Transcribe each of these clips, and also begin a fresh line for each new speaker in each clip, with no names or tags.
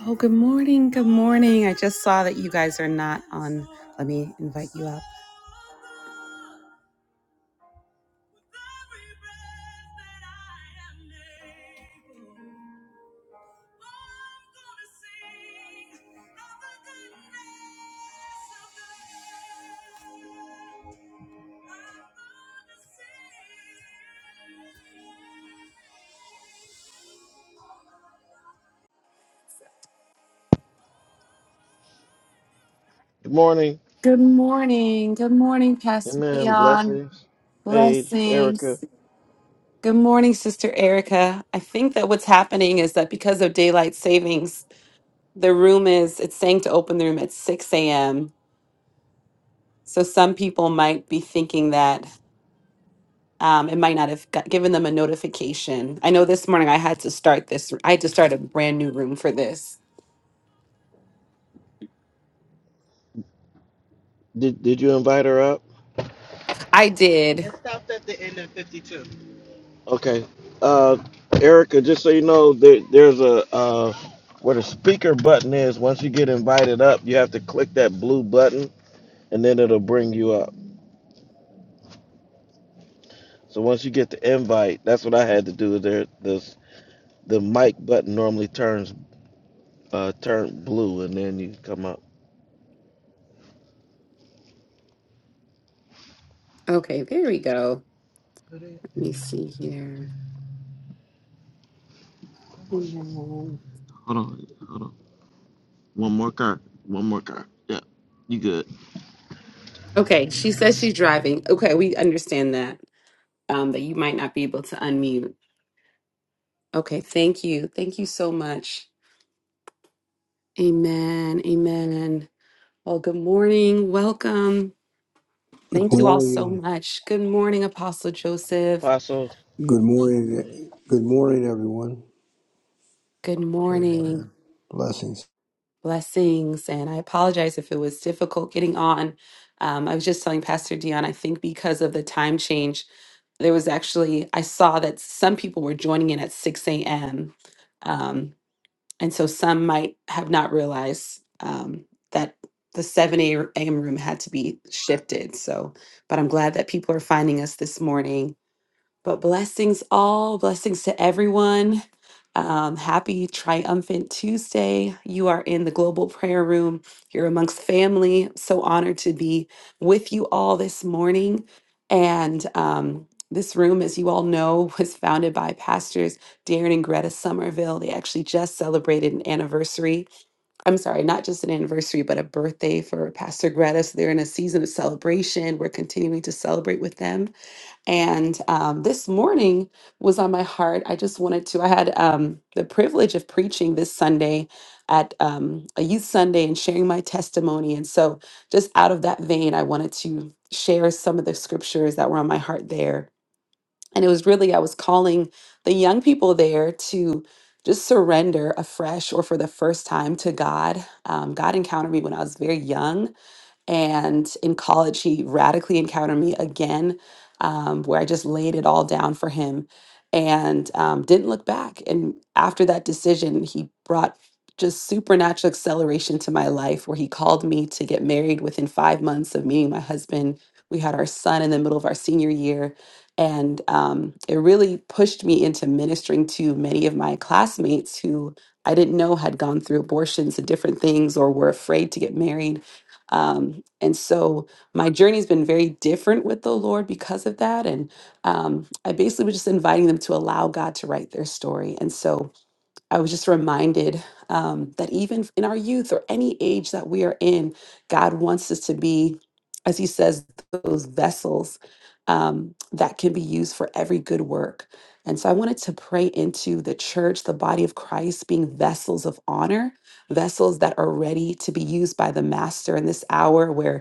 Oh, good morning. Good morning. I just saw that you guys are not on. Let me invite you up.
Good morning.
Good morning. Good morning, Pastor
Amen.
Dion.
Blessings. Paige, Erica.
Blessings. Good morning, Sister Erica. I think that what's happening is that because of daylight savings, the room is, it's saying to open the room at 6 a.m. So some people might be thinking that um, it might not have got, given them a notification. I know this morning I had to start this, I had to start a brand new room for this.
Did did you invite her up?
I did.
Okay. Uh Erica, just so you know, there, there's a uh where the speaker button is, once you get invited up, you have to click that blue button and then it'll bring you up. So once you get the invite, that's what I had to do. There this the mic button normally turns uh turn blue and then you come up.
Okay, there we go. Let me see here. Mhm.
Hold on, hold on. One more card. One more card. Yeah. You good.
Okay, she says she's driving. Okay, we understand that. Um, that you might not be able to unmute. Okay, thank you. Thank you so much. Amen. Amen. Well, good morning. Welcome. Thank
Good
you all so
morning.
much. Good morning, Apostle Joseph.
Apostle.
Good morning. Good morning, everyone.
Good morning.
Amen. Blessings.
Blessings. And I apologize if it was difficult getting on. Um, I was just telling Pastor Dion, I think because of the time change, there was actually, I saw that some people were joining in at 6 a.m. Um, and so some might have not realized um, that the 7 a.m. room had to be shifted. So, but I'm glad that people are finding us this morning. But blessings all, blessings to everyone. Um, happy triumphant Tuesday. You are in the global prayer room. You're amongst family. So honored to be with you all this morning. And um, this room, as you all know, was founded by pastors Darren and Greta Somerville. They actually just celebrated an anniversary. I'm sorry, not just an anniversary, but a birthday for Pastor Greta. So they're in a season of celebration. We're continuing to celebrate with them. And um, this morning was on my heart. I just wanted to, I had um, the privilege of preaching this Sunday at um, a youth Sunday and sharing my testimony. And so, just out of that vein, I wanted to share some of the scriptures that were on my heart there. And it was really, I was calling the young people there to just surrender afresh or for the first time to God. Um, God encountered me when I was very young and in college, he radically encountered me again, um, where I just laid it all down for him and um, didn't look back. And after that decision, he brought just supernatural acceleration to my life, where he called me to get married within five months of meeting my husband. We had our son in the middle of our senior year. And um, it really pushed me into ministering to many of my classmates who I didn't know had gone through abortions and different things or were afraid to get married um, and so my journey's been very different with the Lord because of that. And um, I basically was just inviting them to allow God to write their story. And so I was just reminded um, that even in our youth or any age that we are in, God wants us to be, as He says, those vessels um, that can be used for every good work. And so I wanted to pray into the church, the body of Christ, being vessels of honor, vessels that are ready to be used by the Master in this hour where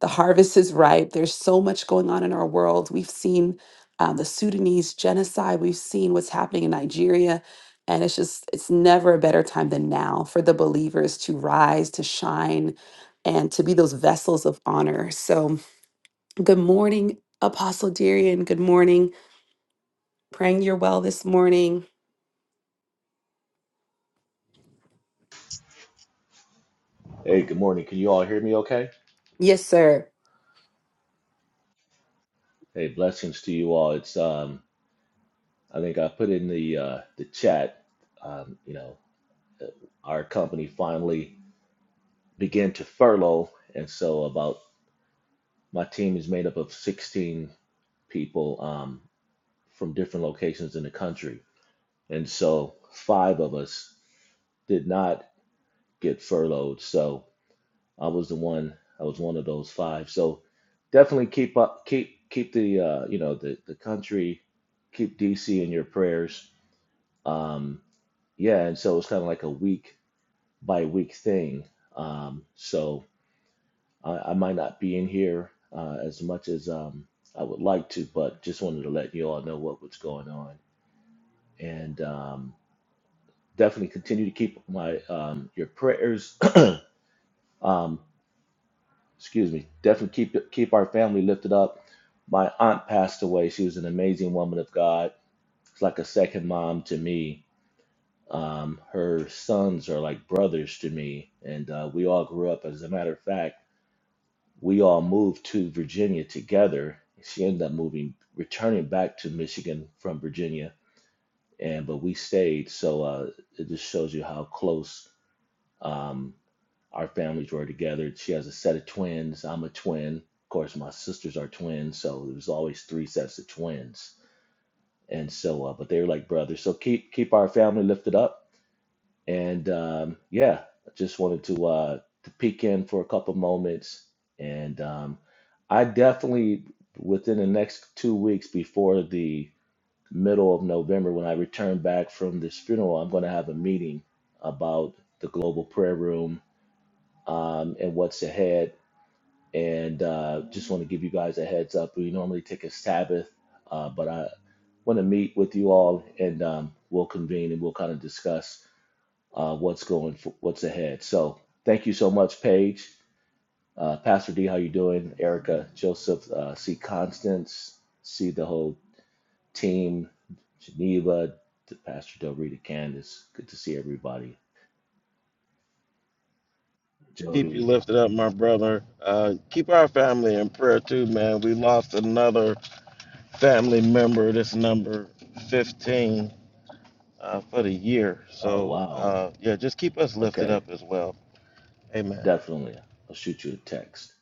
the harvest is ripe. There's so much going on in our world. We've seen um, the Sudanese genocide. We've seen what's happening in Nigeria. And it's just, it's never a better time than now for the believers to rise, to shine, and to be those vessels of honor. So, good morning, Apostle Darian. Good morning. Praying you're well this morning.
Hey, good morning. Can you all hear me okay?
Yes, sir.
Hey, blessings to you all. It's um I think I put in the uh the chat um you know, our company finally began to furlough and so about my team is made up of 16 people um from different locations in the country. And so five of us did not get furloughed. So I was the one. I was one of those five. So definitely keep up, keep keep the uh, you know the the country, keep DC in your prayers. Um, yeah, and so it's kind of like a week by week thing. Um, so I, I might not be in here uh, as much as um, I would like to, but just wanted to let you all know what was going on, and um, definitely continue to keep my um, your prayers um, excuse me, definitely keep keep our family lifted up. My aunt passed away. She was an amazing woman of God. It's like a second mom to me. Um, her sons are like brothers to me, and uh, we all grew up. As a matter of fact, we all moved to Virginia together. She ended up moving, returning back to Michigan from Virginia, and but we stayed. So uh, it just shows you how close. Um, Our families were together. She has a set of twins. I'm a twin. Of course, my sisters are twins, so there was always three sets of twins. And so, uh, but they were like brothers. So keep keep our family lifted up. And um, yeah, I just wanted to uh, to peek in for a couple moments. And um, I definitely within the next two weeks before the middle of November, when I return back from this funeral, I'm going to have a meeting about the global prayer room um, and what's ahead and uh, just want to give you guys a heads up. We normally take a Sabbath, uh, but I want to meet with you all, and um, we'll convene and we'll kind of discuss uh, what's going, for, what's ahead. So thank you so much, Paige, uh, Pastor D. How you doing, Erica, Joseph, uh, see Constance, see the whole team, Geneva, to Pastor Del Rita, Candace. Good to see everybody,
Keep you
Jody.
lifted up, my brother. Uh, keep our family in prayer too, man. We lost another family member. This number 15 uh, for the year.
Oh
So
wow,
uh, yeah, just keep us lifted
okay,
up as well. Amen.
definitely. I'll shoot you a text.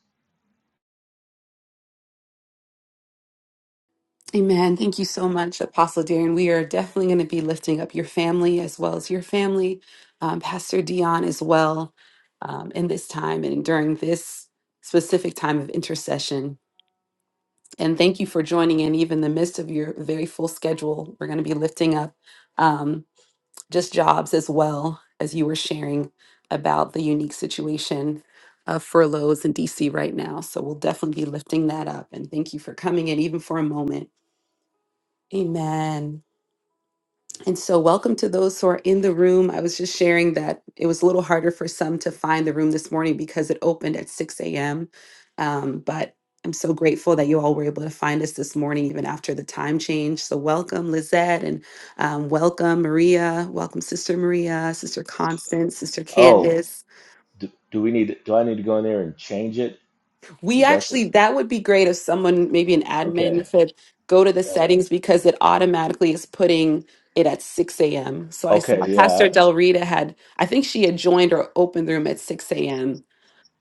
Amen. Thank you so much, Apostle Darren. We are definitely going to be lifting up your family as well as your family, um, Pastor Dion as well, um, in this time and during this specific time of intercession. And thank you for joining in, even in the midst of your very full schedule. We're going to be lifting up um, just jobs as well as you were sharing about the unique situation of furloughs in DC right now. So we'll definitely be lifting that up. And thank you for coming in, even for a moment. Amen. And so, welcome to those who are in the room. I was just sharing that it was a little harder for some to find the room this morning because it opened at 6 a.m. Um, but I'm so grateful that you all were able to find us this morning, even after the time change. So, welcome, Lizette, and um, welcome, Maria. Welcome, Sister Maria, Sister Constance, Sister
Oh.
Candace.
Do, do we need? Do I need to go in there and change it?
We
Is that what?
actually, that would be great if someone, maybe an
Okay.
admin, could go to the
Yeah.
settings because it automatically is putting it at 6 a.m. So I saw
Okay. Yeah.
Pastor
I-
Del Rita had, I think she had joined or opened the room at 6 a.m.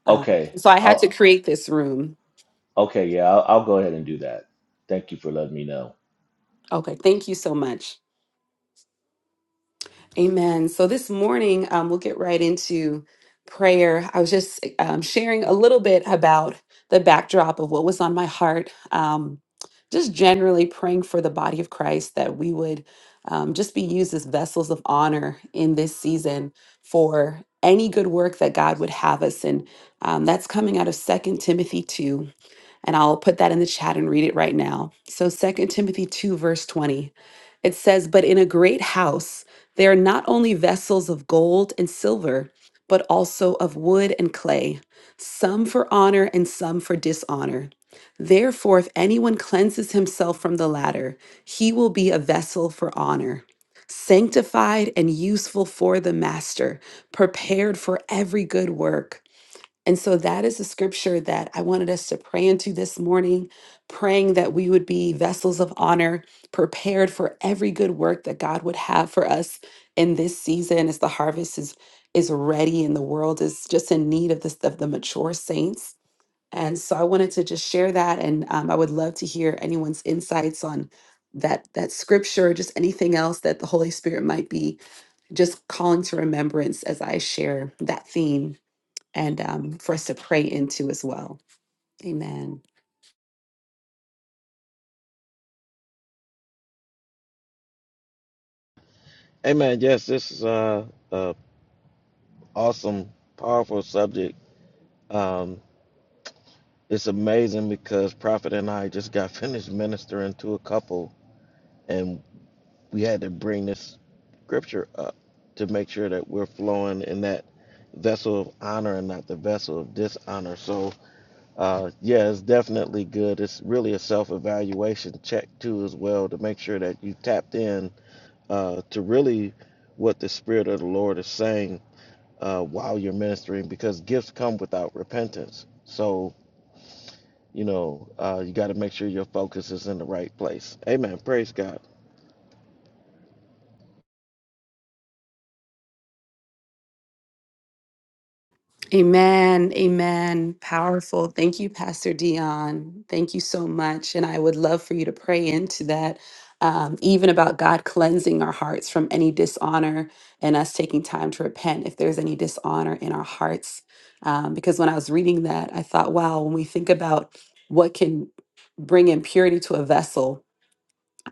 Um,
Okay.
so I had to
I'll.
create this room.
Okay. Yeah. I'll, I'll go ahead and do that. Thank you for letting me know.
Okay, thank you so much. Amen. So this morning, um, we'll get right into prayer. I was just um, sharing a little bit about the backdrop of what was on my heart. Um, just generally praying for the body of Christ that we would um, just be used as vessels of honor in this season for any good work that God would have us. And um, that's coming out of Second Timothy 2. And I'll put that in the chat and read it right now. So Second Timothy 2, verse 20, it says, But in a great house there are not only vessels of gold and silver, but also of wood and clay, some for honor and some for dishonor. Therefore, if anyone cleanses himself from the latter, he will be a vessel for honor, sanctified and useful for the master, prepared for every good work. And so that is a scripture that I wanted us to pray into this morning, praying that we would be vessels of honor, prepared for every good work that God would have for us in this season as the harvest is is ready and the world is just in need of this of the mature saints. And so I wanted to just share that and um, I would love to hear anyone's insights on that that scripture or just anything else that the Holy Spirit might be just calling to remembrance as I share that theme and um, for us to pray into as well. Amen.
Amen. Yes, this is uh, a awesome, powerful subject. Um, it's amazing because Prophet and I just got finished ministering to a couple, and we had to bring this scripture up to make sure that we're flowing in that vessel of honor and not the vessel of dishonor. So, uh, yeah, it's definitely good. It's really a self evaluation check, too, as well, to make sure that you tapped in uh, to really what the Spirit of the Lord is saying uh, while you're ministering because gifts come without repentance. So, you know, uh, you got to make sure your focus is in the right place. Amen. Praise God.
Amen. Amen. Powerful. Thank you, Pastor Dion. Thank you so much. And I would love for you to pray into that, um, even about God cleansing our hearts from any dishonor and us taking time to repent if there's any dishonor in our hearts. Um, because when I was reading that, I thought, wow, when we think about what can bring impurity to a vessel,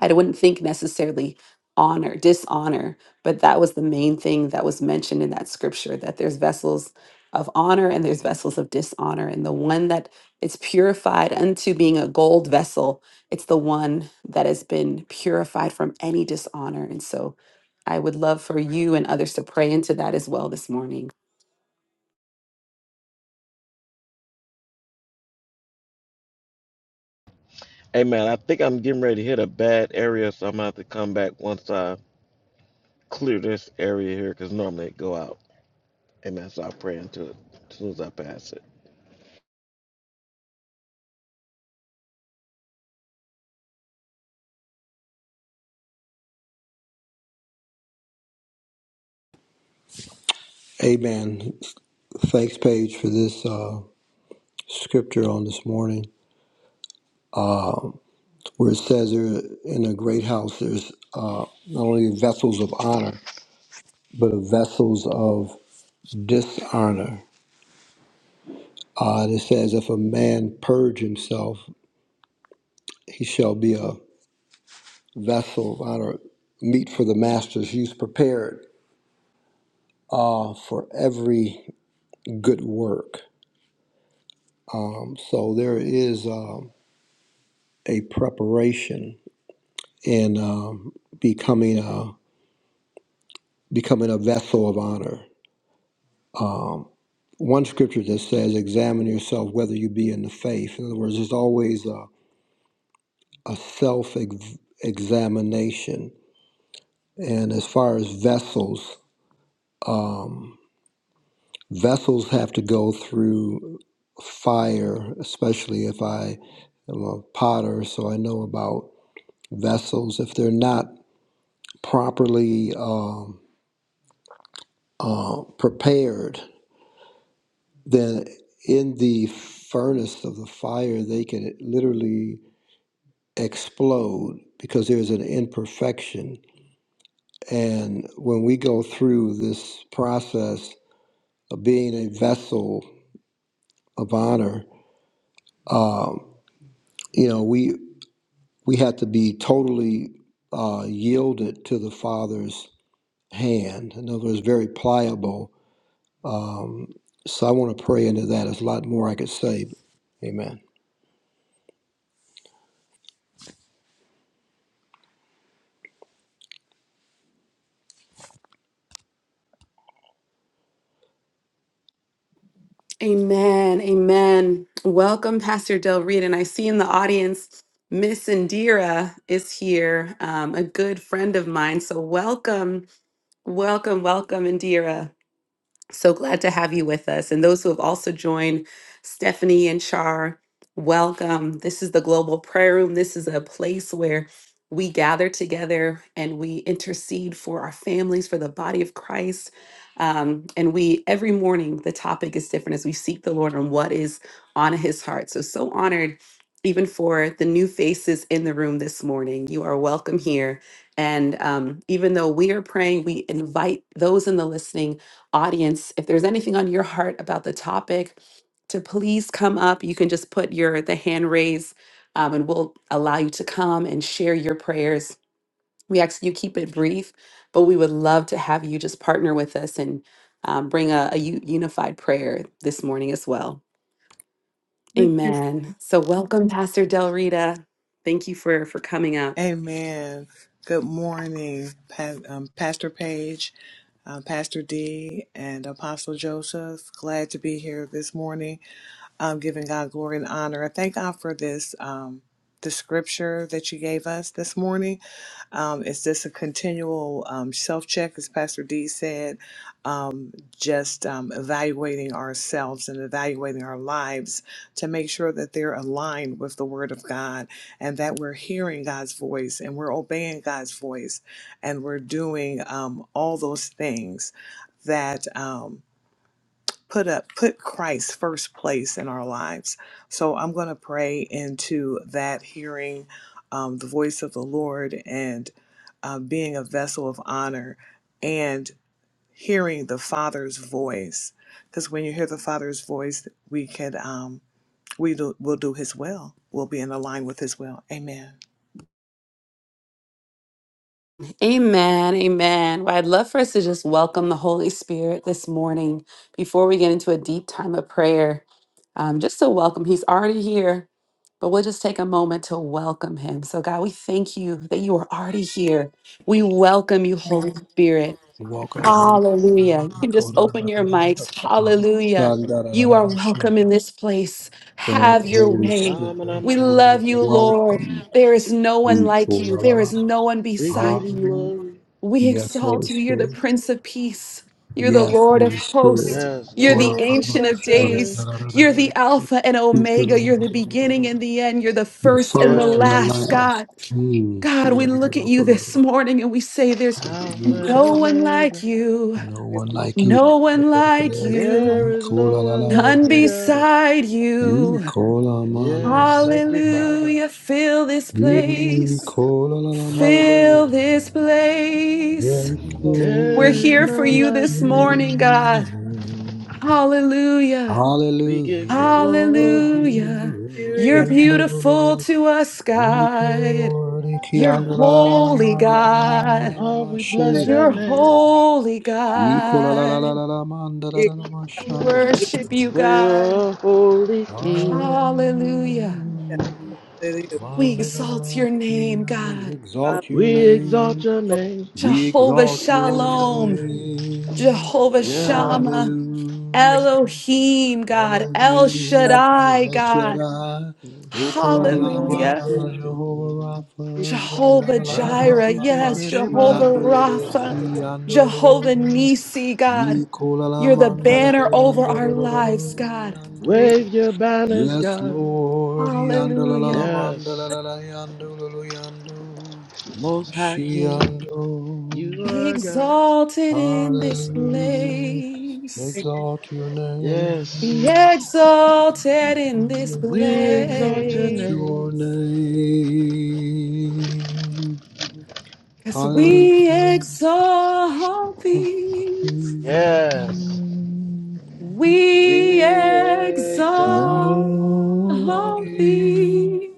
I wouldn't think necessarily honor, dishonor, but that was the main thing that was mentioned in that scripture that there's vessels of honor and there's vessels of dishonor. And the one that is purified unto being a gold vessel, it's the one that has been purified from any dishonor. And so I would love for you and others to pray into that as well this morning.
Amen. I think I'm getting ready to hit a bad area, so I'm going to have to come back once I clear this area here because normally it go out. Amen. So I pray until it, as soon as I pass it.
Amen. Thanks, Paige, for this uh, scripture on this morning, where it says there in a great house there's uh, not only vessels of honor, but vessels of dishonor. Uh, and it says, if a man purge himself, he shall be a vessel of honor, meet for the master's use, prepared uh, for every good work. So there is uh, a preparation in um, becoming a becoming a vessel of honor. One scripture that says, "Examine yourself whether you be in the faith." In other words, there's always a, a self ex- examination. And as far as vessels, vessels have to go through fire, especially if I am a potter, so I know about vessels. If they're not properly um, prepared, then in the furnace of the fire, they can literally explode because there's an imperfection. And when we go through this process of being a vessel of honor, you know, we we have to be totally uh, yielded to the Father's hand. In other words, very pliable. Um, so I want to pray into that. There's a lot more I could say. Amen.
Amen. Amen. Welcome, Pastor Del Reed. And I see in the audience, Miss Indira is here, um, a good friend of mine. So welcome, welcome, welcome, Indira. So glad to have you with us. And those who have also joined, Stephanie and Char, welcome. This is the Global Prayer Room. This is a place where we gather together and we intercede for our families, for the body of Christ. Um, and we, every morning, the topic is different as we seek the Lord on what is on his heart. So, so honored even for the new faces in the room this morning. You are welcome here. And um, even though we are praying, we invite those in the listening audience, if there's anything on your heart about the topic, to please come up. You can just put your the hand raise, um, and we'll allow you to come and share your prayers. We ask you keep it brief, but we would love to have you just partner with us and um, bring a, a u- unified prayer this morning as well.
We praise-
Amen. So welcome, Pastor Del Rita. Thank you for for coming up.
Amen. Good morning, pa- um, Pastor Page, uh, Pastor D, and Apostle Joseph. Glad to be here this morning. um, giving God glory and honor. I thank God for this, um, the scripture that you gave us this morning. Um, it's just a continual um, self check, as Pastor D said, um, just um, evaluating ourselves and evaluating our lives to make sure that they're aligned with the Word of God and that we're hearing God's voice and we're obeying God's voice and we're doing um, all those things that. um, put up put Christ first place in our lives. So I'm going to pray into that hearing um, the voice of the Lord and uh, being a vessel of honor and hearing the Father's voice. Because when you hear the Father's voice, we can um, we do, will do His will. We'll be in line with His will. Amen.
Amen. Amen. Well, I'd love for us to just welcome the Holy Spirit this morning before we get into a deep time of prayer. Um, just to welcome, He's already here, but we'll just take a moment to welcome Him. So, God, we thank you that you are already here. We welcome you, Holy Spirit.
Welcome you, Holy.
Hallelujah. You
Thank
can
you,
just open your mics. Hallelujah. You are welcome in this place. Have your
Holy
way.
Spirit.
Ramana
We
You're
love you, Lord.
welcome.
There is no one like you, there is no one
We give
beside
you
you.
Hallelujah.
glory.
We
Yes,
exalt
Holy
you. You're the
Spirit.
Prince of Peace. You're the
Yes,
Lord of
Holy Spirit.
Hosts.
Yes,
You're the
The
Lord, we
Ancient of
bless your name.
Days. You're the Alpha and Omega. You're the beginning and the end. You're the first and the
first and the
Yes,
last,
last.
God.
Mm.
God, we look at you this morning and we say, There's
Under you,
Alpha and
no
Father.
one like
Omega.
you,
No one like you.
no one like you,
There is no one like
none
you, God.
beside
You
you.
call Amanda.
Yes, thank you, Father.
Hallelujah. Fill this
You
place,
call Alama.
Hallelujah.
fill this place.
Yes,
We're
There
Lord.
is
here for
none
you
like
this
you.
morning, God. Hallelujah.
We give
Hallelujah.
you glory.
Hallelujah.
Thank
You're
Hallelujah.
you,
beautiful
Lord.
to us, God. You're
Ikianda la la
Yes.
la la ma,
holy, God.
Lord, we bless your
You're
name.
holy, God.
Alama.
We
Hallelujah.
worship you,
For
God.
you're a holy king.
Hallelujah.
Hallelujah.
We exalt
Mandala,
your
We
name, God.
Exalt your
We exalt
name.
your name.
We
Jehovah
exalt your
Shalom.
name.
Jehovah
Yes.
Shammah.
Hallelujah.
Elohim, God. El
Elohim,
Shaddai,
El
God.
Shaddai.
Ramanama
Okolalalamana,
Hallelujah.
Jehovah
Sitiki,
Rapha. yandala
Jehovah
Rama
Jireh. Yes,
Sitikere
Yandalalamamashi,
Jehovah
Basa.
Rapha.
Yandeleleki, Yandololo.
Jehovah Nisi, God. You're the banner over our
yandolo
lives, God.
Yando.
Hallelujah.
Wave your banners,
Yes,
God.
Lord. Yandalalala
Hallelujah.
Yes.
mandalalala yandololo yando.
Most High King,
Shiando.
you
Be
are God.
exalted in this
Hallelujah.
place.
Exalt your
Be
Yes.
name.
exalted in this
We exalt your
Exalt
place.
your
name.
name.
Because we
Hallelujah.
exalt thee.
Yes.
We
We exalt
exalt
Lord,
thee.
thee.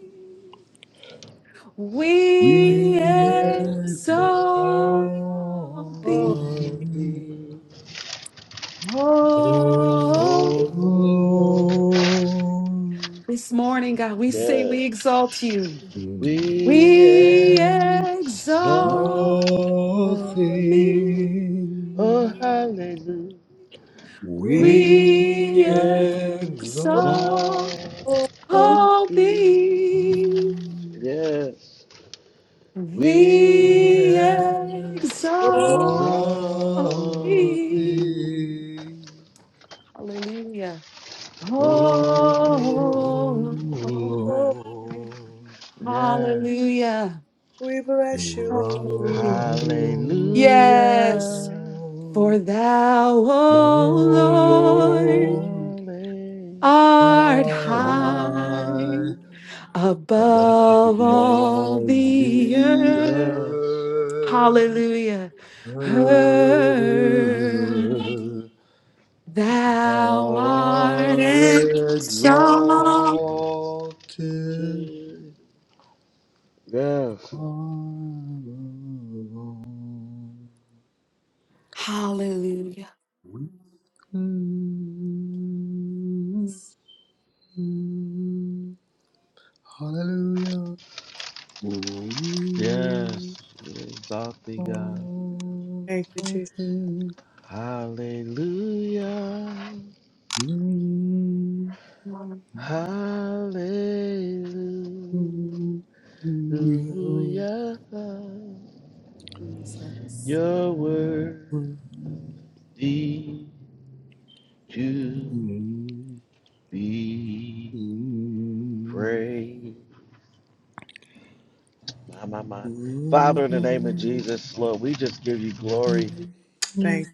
We
We
We
have nothing.
exalt
things for the Lord.
exalt
All
thee.
thee.
Oh,
Oh Lord.
this morning, God, we say
Yeah.
we exalt you.
We exalt
We exalt
Lord,
thee.
oh hallelujah,
We
we
we
We
go,
exalt.
exalt.
go,
exalt
All
thee.
thee
Yes, we
we
nothing.
exalt
exalt
thee.
thee.
Hallelujah.
Lord,
Oh,
Oh,
yes,
hallelujah.
we bless you,
you are
Lord.
Hallelujah.
Lord,
Yes,
hallelujah,
for thou,
No,
O Lord,
Lord,
hallelujah.
art
are
high
I above
above all
all the
the earth.
Yes.
earth.
Hallelujah. Heard
Thou
thou art
art
and so
exalted
Yes,
Hallelujah.
Hallelujah.
Yes, exalted God.
Thank you, Jesus.
Hallelujah.
Lord
Hallelujah.
Jesus.
You're worthy to be praised. My, my, my. Father, in the name of Jesus, Lord, we just give you glory
Thank you.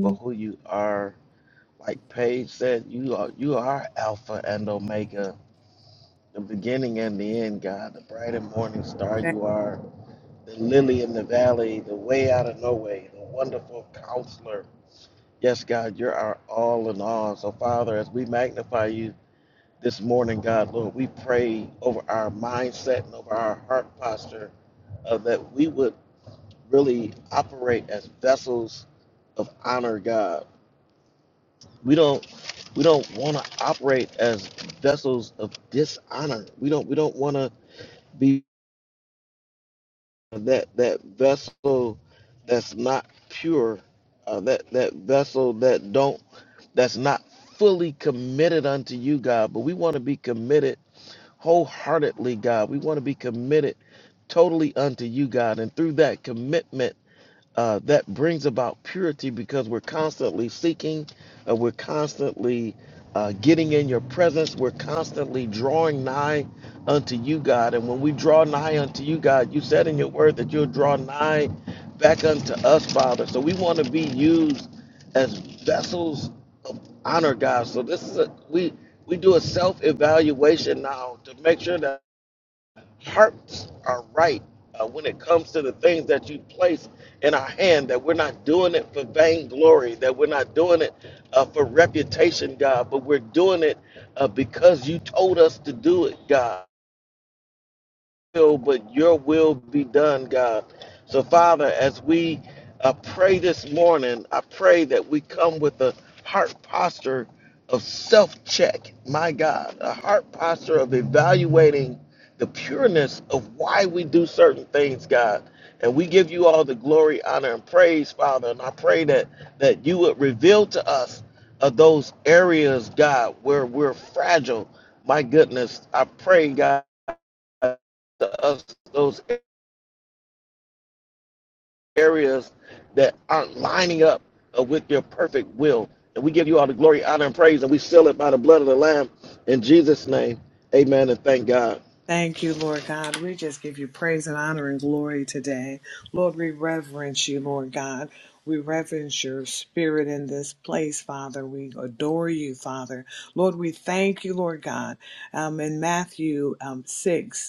for who you are. Like Paige said, you are you are Alpha and Omega, the beginning and the end, God, the bright and morning star
Thank
you are, the lily in the valley, the way out of no way, the wonderful counselor. Yes, God, you're our all in all. So Father, as we magnify you this morning, God, Lord, we pray over our mindset and over our heart posture uh, that we would really operate as vessels of honor, God. We don't we don't want to operate as vessels of dishonor. We don't we don't want to be that that vessel that's not pure, uh, that that vessel that don't that's not fully committed unto you, God. But we want to be committed wholeheartedly, God. We want to be committed totally unto you, God. And through that commitment uh, that brings about purity because we're constantly seeking, uh, we're constantly uh, getting in your presence, we're constantly drawing nigh unto you, God. And when we draw nigh unto you, God, you said in your word that you'll draw nigh back unto us, Father. So we want to be used as vessels of honor, God. So this is a we we do a self evaluation now to make sure that hearts are right uh, when it comes to the things that you place in our hand, that we're not doing it for vainglory, that we're not doing it uh, for reputation, God, but we're doing it uh, because you told us to do it, God will, but your will be done, God. So, Father, as we uh, pray this morning, I pray that we come with a heart posture of self check, my God, a heart posture of evaluating the pureness of why we do certain things, God. And we give you all the glory, honor, and praise, Father. And I pray that, that you would reveal to us of those areas, God, where we're fragile. My goodness, I pray, God to us those areas that aren't lining up uh, with your perfect will. And we give you all the glory, honor, and praise, and we seal it by the blood of the Lamb in Jesus' name. Amen. And thank God.
thank you, Lord God. We just give you praise and honor and glory today. Lord, we reverence you, Lord God. We reverence your spirit in this place, Father. We adore you, Father. Lord, we thank you, Lord God. Um, in Matthew um, 6,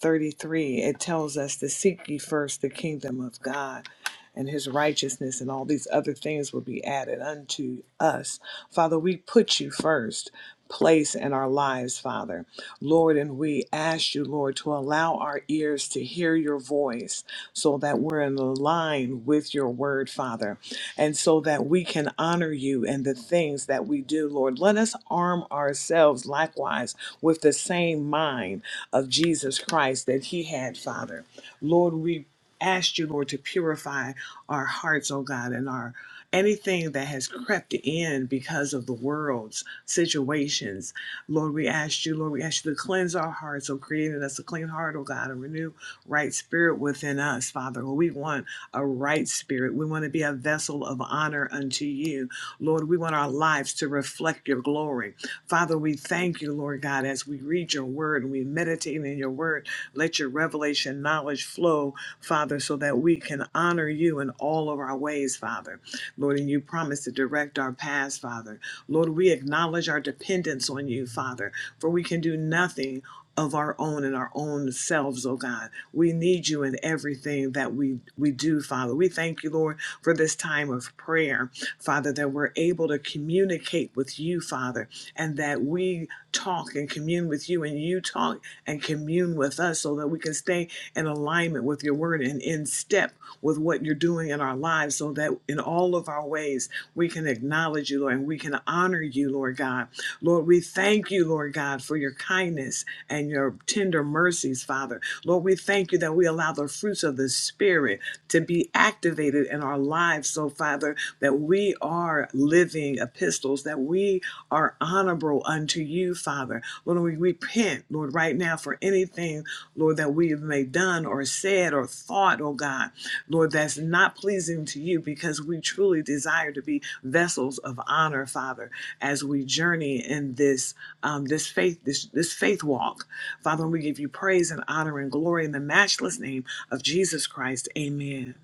33, it tells us to seek ye first the kingdom of God and his righteousness, and all these other things will be added unto us. Father, we put you first place in our lives, Father. Lord, and we ask you, Lord, to allow our ears to hear your voice so that we're in line with your word, Father, and so that we can honor you in the things that we do, Lord. Let us arm ourselves likewise with the same mind of Jesus Christ that he had, Father. Lord, we ask you, Lord, to purify our hearts, oh God, and our anything that has crept in because of the world's situations. Lord, we ask you, Lord, we ask you to cleanse our hearts, oh creating us a clean heart, oh God, and renew right spirit within us, Father. We want a right spirit. We want to be a vessel of honor unto you. Lord, we want our lives to reflect your glory. Father, we thank you, Lord God, as we read your word and we meditate in your word. Let your revelation knowledge flow, Father, so that we can honor you in all of our ways, Father. Lord, and you promise to direct our paths, Father. Lord, we acknowledge our dependence on you, Father, for we can do nothing of our own and our own selves, oh God. We need you in everything that we, we do, Father. We thank you, Lord, for this time of prayer, Father, that we're able to communicate with you, Father, and that we talk and commune with you and you talk and commune with us so that we can stay in alignment with your word and in step with what you're doing in our lives so that in all of our ways we can acknowledge you, Lord, and we can honor you, Lord God. Lord, we thank you, Lord God, for your kindness and your tender mercies, Father. Lord, we thank you that we allow the fruits of the Spirit to be activated in our lives, so Father, that we are living epistles, that we are honorable unto you, Father. Lord, we repent, Lord, right now for anything, Lord, that we have may done or said or thought, oh God, Lord, that's not pleasing to you because we truly desire to be vessels of honor, Father, as we journey in this um, this faith, this this faith walk. Father, we give you praise and honor and glory in the matchless name of Jesus Christ. Amen.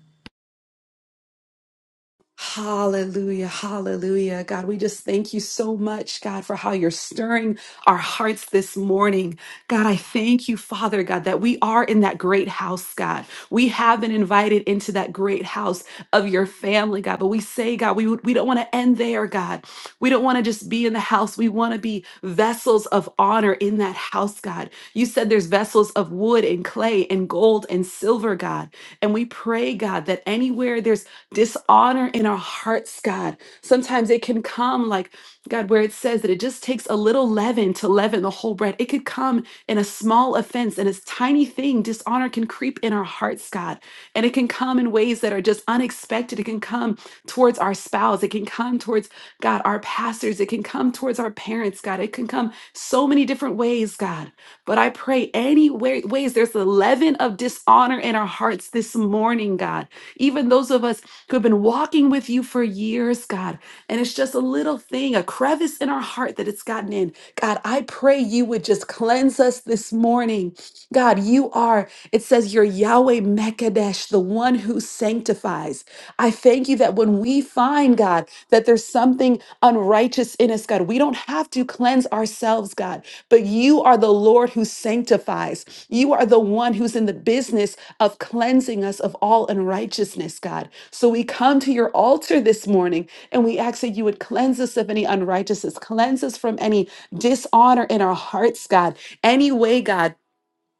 Hallelujah, hallelujah. God, we just thank you so much, God, for how you're stirring our hearts this morning. God, I thank you, Father God, that we are in that great house, God. We have been invited into that great house of your family, God. But we say, God, we, we don't want to end there, God. We don't want to just be in the house. We want to be vessels of honor in that house, God. You said there's vessels of wood and clay and gold and silver, God. And we pray, God, that anywhere there's dishonor in our hearts, God. Sometimes it can come like, God, where it says that it just takes a little leaven to leaven the whole bread. It could come in a small offense, in a tiny thing. Dishonor can creep in our hearts, God. And it can come in ways that are just unexpected. It can come towards our spouse. It can come towards, God, our pastors. It can come towards our parents, God. It can come so many different ways, God. But I pray any way, ways there's a leaven of dishonor in our hearts this morning, God. Even those of us who have been walking with you for years, God. And it's just a little thing, a crevice in our heart that it's gotten in. God, I pray you would just cleanse us this morning. God, you are, it says, you're Yahweh Mekadesh, the one who sanctifies. I thank you that when we find, God, that there's something unrighteous in us, God, we don't have to cleanse ourselves, God, but you are the Lord who sanctifies. You are the one who's in the business of cleansing us of all unrighteousness, God. So we come to your altar this morning and we ask that you would cleanse us of any unrighteousness, cleanse us from any dishonor in our hearts, God. Any way, God,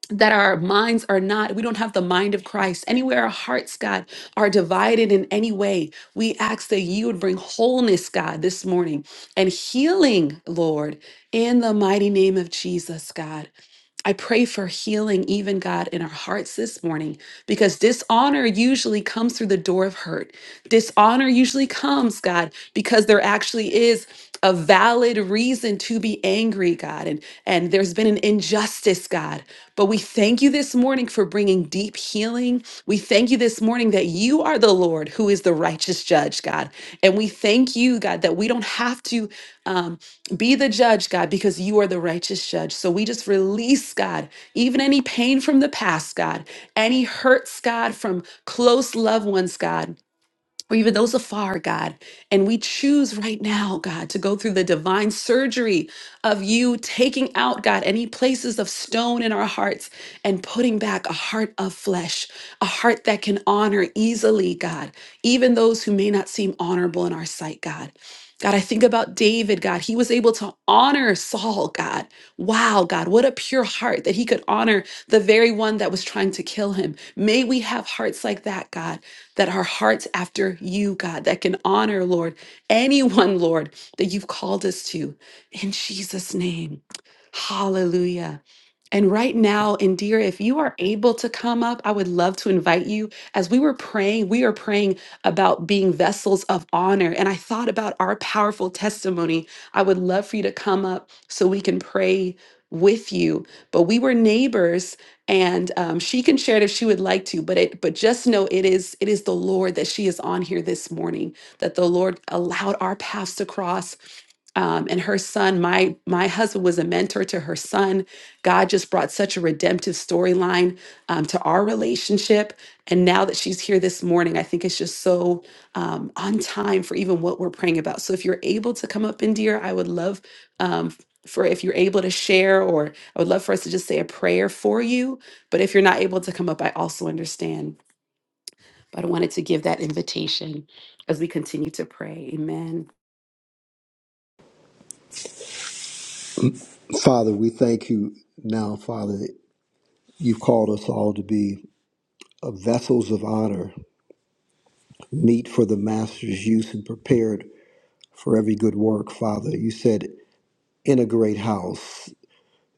that our minds are not, we don't have the mind of Christ. Anywhere our hearts, God, are divided in any way, we ask that you would bring wholeness, God, this morning and healing, Lord, in the mighty name of Jesus, God. I pray for healing, even God, in our hearts this morning, because dishonor usually comes through the door of hurt. Dishonor usually comes, God, because there actually is a valid reason to be angry, God, and and there's been an injustice, God. But we thank you this morning for bringing deep healing. We thank you this morning that you are the Lord who is the righteous judge, God. And we thank you, God, that we don't have to um, be the judge, God, because you are the righteous judge. So we just release, God, even any pain from the past, God, any hurts, God, from close loved ones, God or even those afar, God. And we choose right now, God, to go through the divine surgery of you taking out, God, any places of stone in our hearts and putting back a heart of flesh, a heart that can honor easily, God, even those who may not seem honorable in our sight, God. God, I think about David, God. He was able to honor Saul, God. Wow, God, what a pure heart that he could honor the very one that was trying to kill him. May we have hearts like that, God that our hearts after you, God, that can honor, Lord, anyone, Lord, that you've called us to. In Jesus' name, hallelujah. And right now, Indira, if you are able to come up, I would love to invite you. As we were praying, we are praying about being vessels of honor. And I thought about our powerful testimony. I would love for you to come up so we can pray with you. But we were neighbors and um, she can share it if she would like to but it but just know it is it is the lord that she is on here this morning that the lord allowed our paths to cross um, and her son my my husband was a mentor to her son god just brought such a redemptive storyline um, to our relationship and now that she's here this morning i think it's just so um, on time for even what we're praying about so if you're able to come up in dear i would love um, for if you're able to share or i would love for us to just say a prayer for you but if you're not able to come up, I also understand. But I wanted to give that invitation as we continue to pray. Amen.
Father, we thank you now, Father. You've called us all to be uh, vessels of honor, meet for the master's use and prepared for every good work, Father. You said, in a great house.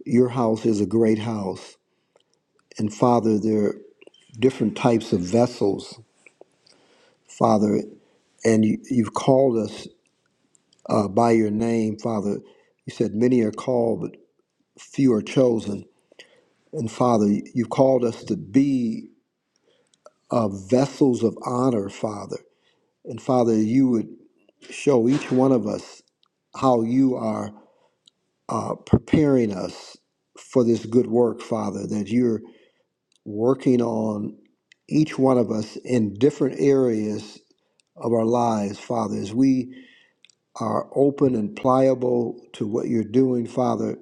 Your house is a great house. And Father, there are different types of vessels, Father, and you, you've called us uh, by your name, Father. You said, many are called, but few are chosen. And Father, you've called us to be uh, vessels of honor, Father. And Father, you would show each one of us how you are uh, preparing us for this good work, Father, that you're working on each one of us in different areas of our lives, Father. As we are open and pliable to what you're doing, Father,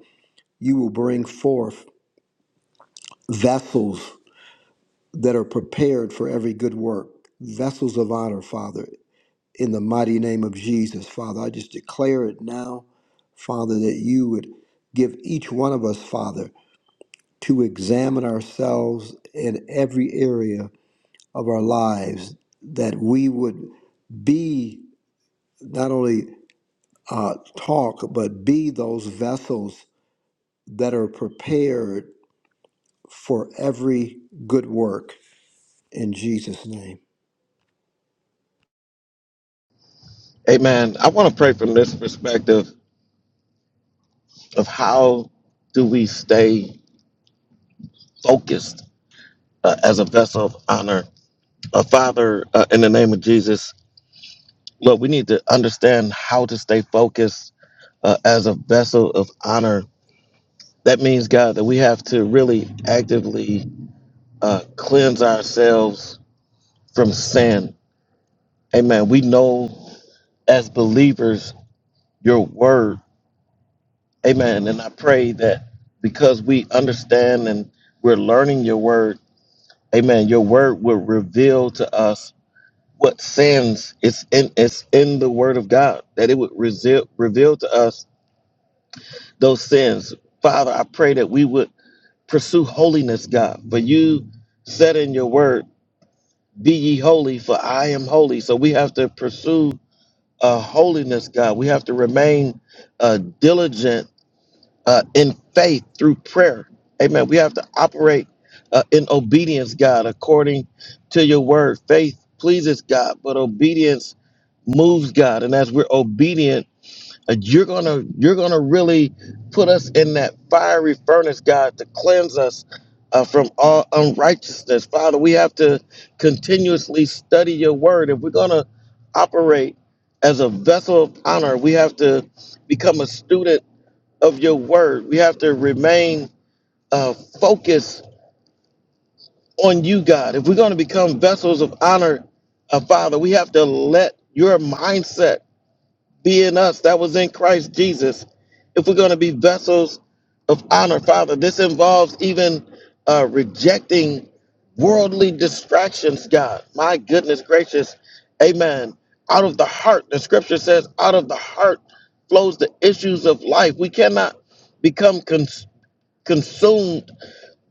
you will bring forth vessels that are prepared for every good work, vessels of honor, Father. in the mighty name of Jesus, Father. I just declare it now, Father, that you would give each one of us, Father, to examine ourselves in every area of our lives, that we would be not only uh, talk, but be those vessels that are prepared for every good work in Jesus' name.
Amen. I want to pray from this perspective of how do we stay focused uh, as a vessel of honor. Uh, Father, uh, in the name of Jesus, Lord, we need to understand how to stay focused uh, as a vessel of honor that means god that we have to really actively uh, cleanse ourselves from sin amen we know as believers your word amen and i pray that because we understand and we're learning your word amen your word will reveal to us what sins it's in it's in the word of god that it would reveal reveal to us those sins father i pray that we would pursue holiness god for you said in your word Be ye holy, for I am holy. So we have to pursue uh, holiness, God. We have to remain uh, diligent uh, in faith through prayer. Amen. We have to operate uh, in obedience, God, according to your word. Faith pleases God, but obedience moves God. And as we're obedient, uh, You're gonna you're gonna really put us in that fiery furnace, God, to cleanse us uh, from all unrighteousness. Father, we have to continuously study your word. If we're gonna operate as a vessel of honor, we have to become a student of your word. We have to remain uh, focused on you, God. If we're gonna become vessels of honor, uh, Father, we have to let your mindset be in us that was in Christ Jesus. If we're going to be vessels of honor, Father, this involves even uh, rejecting worldly distractions, God. My goodness gracious. Amen. Out of the heart, the scripture says, out of the heart flows the issues of life. We cannot become cons- consumed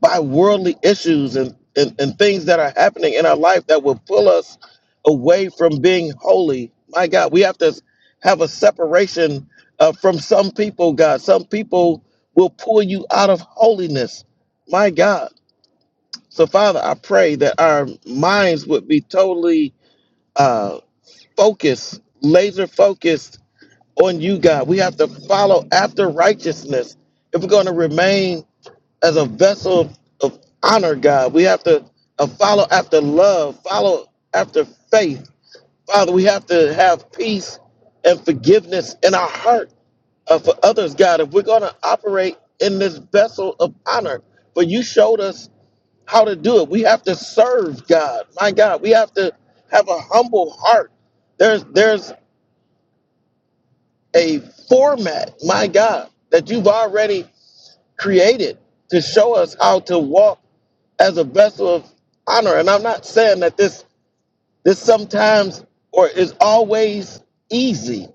by worldly issues and, and, and things that are happening in our life that will pull us away from being holy. My God, we have to have a separation uh, from some people, God. Some people will pull you out of holiness. My God. So, Father, I pray that our minds would be totally uh, focused, laser focused on you, God. We have to follow after righteousness if we're going to remain as a vessel of, of honor, God. We have to uh, follow after love, follow after faith. Father, we have to have peace and forgiveness in our heart uh, for others, God. If we're going to operate in this vessel of honor, for you showed us how to do it. We have to serve God. My God, we have to have a humble heart. There's there's a format, my God, that you've already created to show us how to walk as a vessel of honor. And I'm not saying that this this sometimes or is always easy,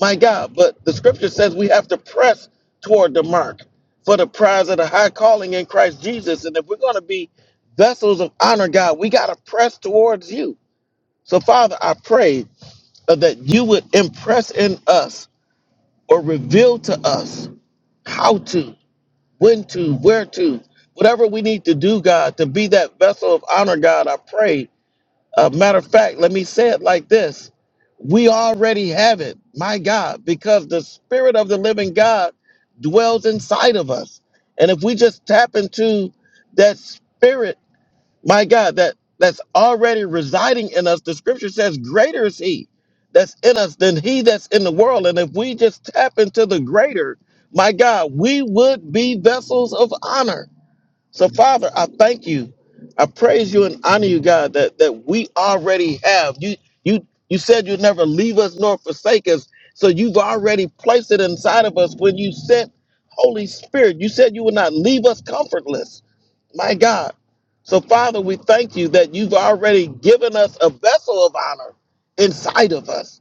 my God, but the scripture says we have to press toward the mark for the prize of the high calling in Christ Jesus. And if we're going to be vessels of honor, God, we got to press towards you. So, Father, I pray uh, that you would impress in us or reveal to us how to, when to, where to, whatever we need to do, God, to be that vessel of honor, God, I pray A matter of fact, let me say it like this We already have it, my God, because the Spirit of the living God dwells inside of us. And if we just tap into that Spirit, my God, that, that's already residing in us, the scripture says, Greater is He that's in us than He that's in the world. And if we just tap into the greater, my God, we would be vessels of honor so, Father, I thank you. I praise you and honor you, God, that, that we already have. You you you said you'd never leave us nor forsake us. So you've already placed it inside of us when you sent Holy Spirit. You said you would not leave us comfortless. My God. So, Father, we thank you that you've already given us a vessel of honor inside of us.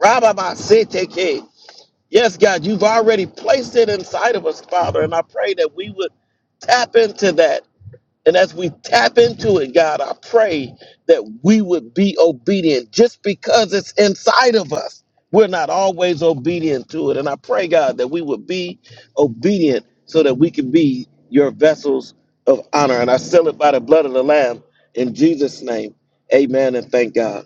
Rabbi Basiteke. Yes, God, you've already placed it inside of us, Father. And I pray that we would tap into that and as we tap into it, God, I pray that we would be obedient just because it's inside of us. We're not always obedient to it. And I pray, God, that we would be obedient so that we can be your vessels of honor. And I seal it by the blood of the Lamb in Jesus' name. Amen and thank God.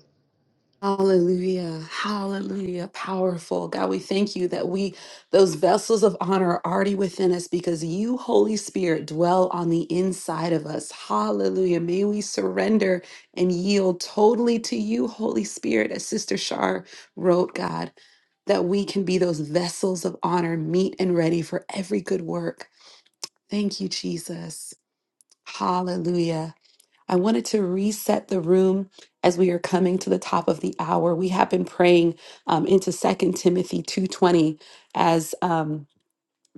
Hallelujah. Hallelujah. Powerful. God, we thank you that we, those vessels of honor, are already within us because you, Holy Spirit, dwell on the inside of us. Hallelujah. May we surrender and yield totally to you, Holy Spirit, as Sister Shar wrote, God, that we can be those vessels of honor, meet and ready for every good work. Thank you, Jesus. Hallelujah. I wanted to reset the room as we are coming to the top of the hour. We have been praying um, into Second Timothy 2.20 as um,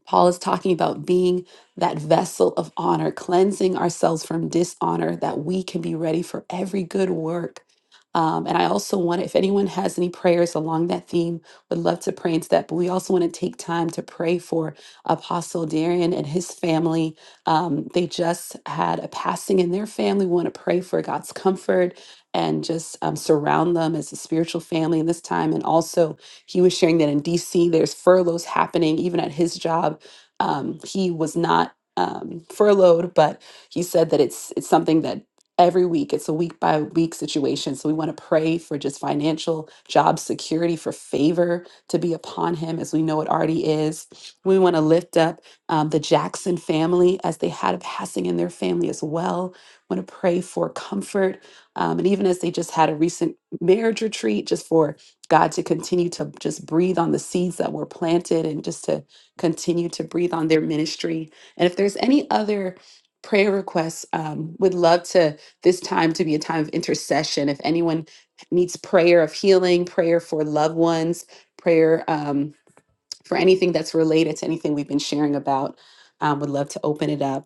Paul is talking about being that vessel of honor, cleansing ourselves from dishonor that we can be ready for every good work. Um, and I also want, if anyone has any prayers along that theme, would love to pray into that. But we also want to take time to pray for Apostle Darian and his family. Um, they just had a passing in their family. We want to pray for God's comfort and just um, surround them as a spiritual family in this time. And also, he was sharing that in DC, there's furloughs happening, even at his job. Um, he was not um, furloughed, but he said that it's it's something that every week it's a week by week situation so we want to pray for just financial job security for favor to be upon him as we know it already is we want to lift up um, the jackson family as they had a passing in their family as well want to pray for comfort um, and even as they just had a recent marriage retreat just for God, to continue to just breathe on the seeds that were planted and just to continue to breathe on their ministry. And if there's any other prayer requests, um, would love to this time to be a time of intercession. If anyone needs prayer of healing, prayer for loved ones, prayer um, for anything that's related to anything we've been sharing about, um, would love to open it up.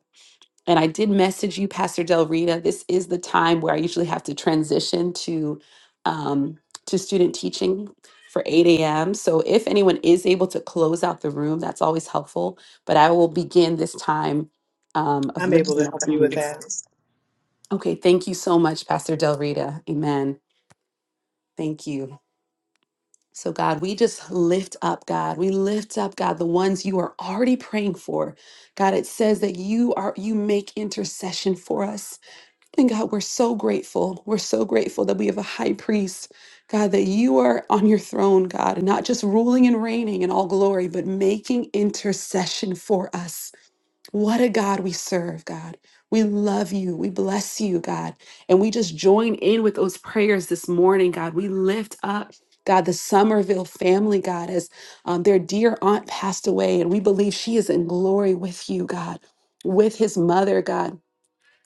And I did message you, Pastor Del Rita. This is the time where I usually have to transition to um, to student teaching for 8 a.m. So if anyone is able to close out the room, that's always helpful. But I will begin this time um, of lifting up the needs. Okay, thank you so much, Pastor Del Rita. Amen. Thank you. So, God, we just lift up, God. We lift up, God, the ones you are already praying for. God, it says that you are you make intercession for us. And God, we're so grateful. We're so grateful that we have a high priest, God, that you are on your throne, God, and not just ruling and reigning in all glory, but making intercession for us. What a God we serve, God. We love you. We bless you, God. And we just join in with those prayers this morning, God. We lift up. God, the Somerville family, God, as um, their dear aunt passed away, and we believe she is in glory with you, God, with his mother, God.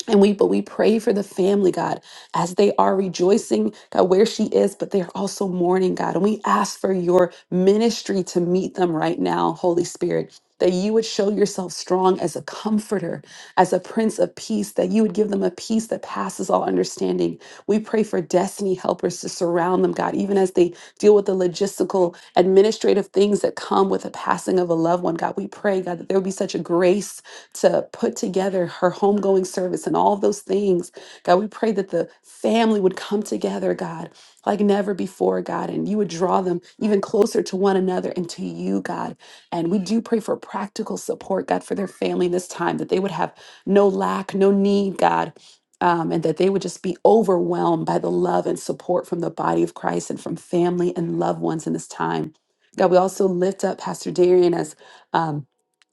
And we, but we pray for the family, God, as they are rejoicing, God, where she is, but they are also mourning, God. And we ask for your ministry to meet them right now, Holy Spirit, that you would show yourself strong as a comforter, as a prince of peace, that you would give them a peace that passes all understanding. We pray for destiny helpers to surround them, God, even as they deal with the logistical, administrative things that come with the passing of a loved one, God. We pray, God, that there would be such a grace to put together her homegoing service and all of those things. God, we pray that the family would come together, God, like never before, God, and you would draw them even closer to one another and to you, God. And we do pray for practical support, God, for their family in this time, that they would have no lack, no need, God. um, and that they would just be overwhelmed by the love and support from the body of Christ and from family and loved ones in this time. God, we also lift up Pastor Darian as um,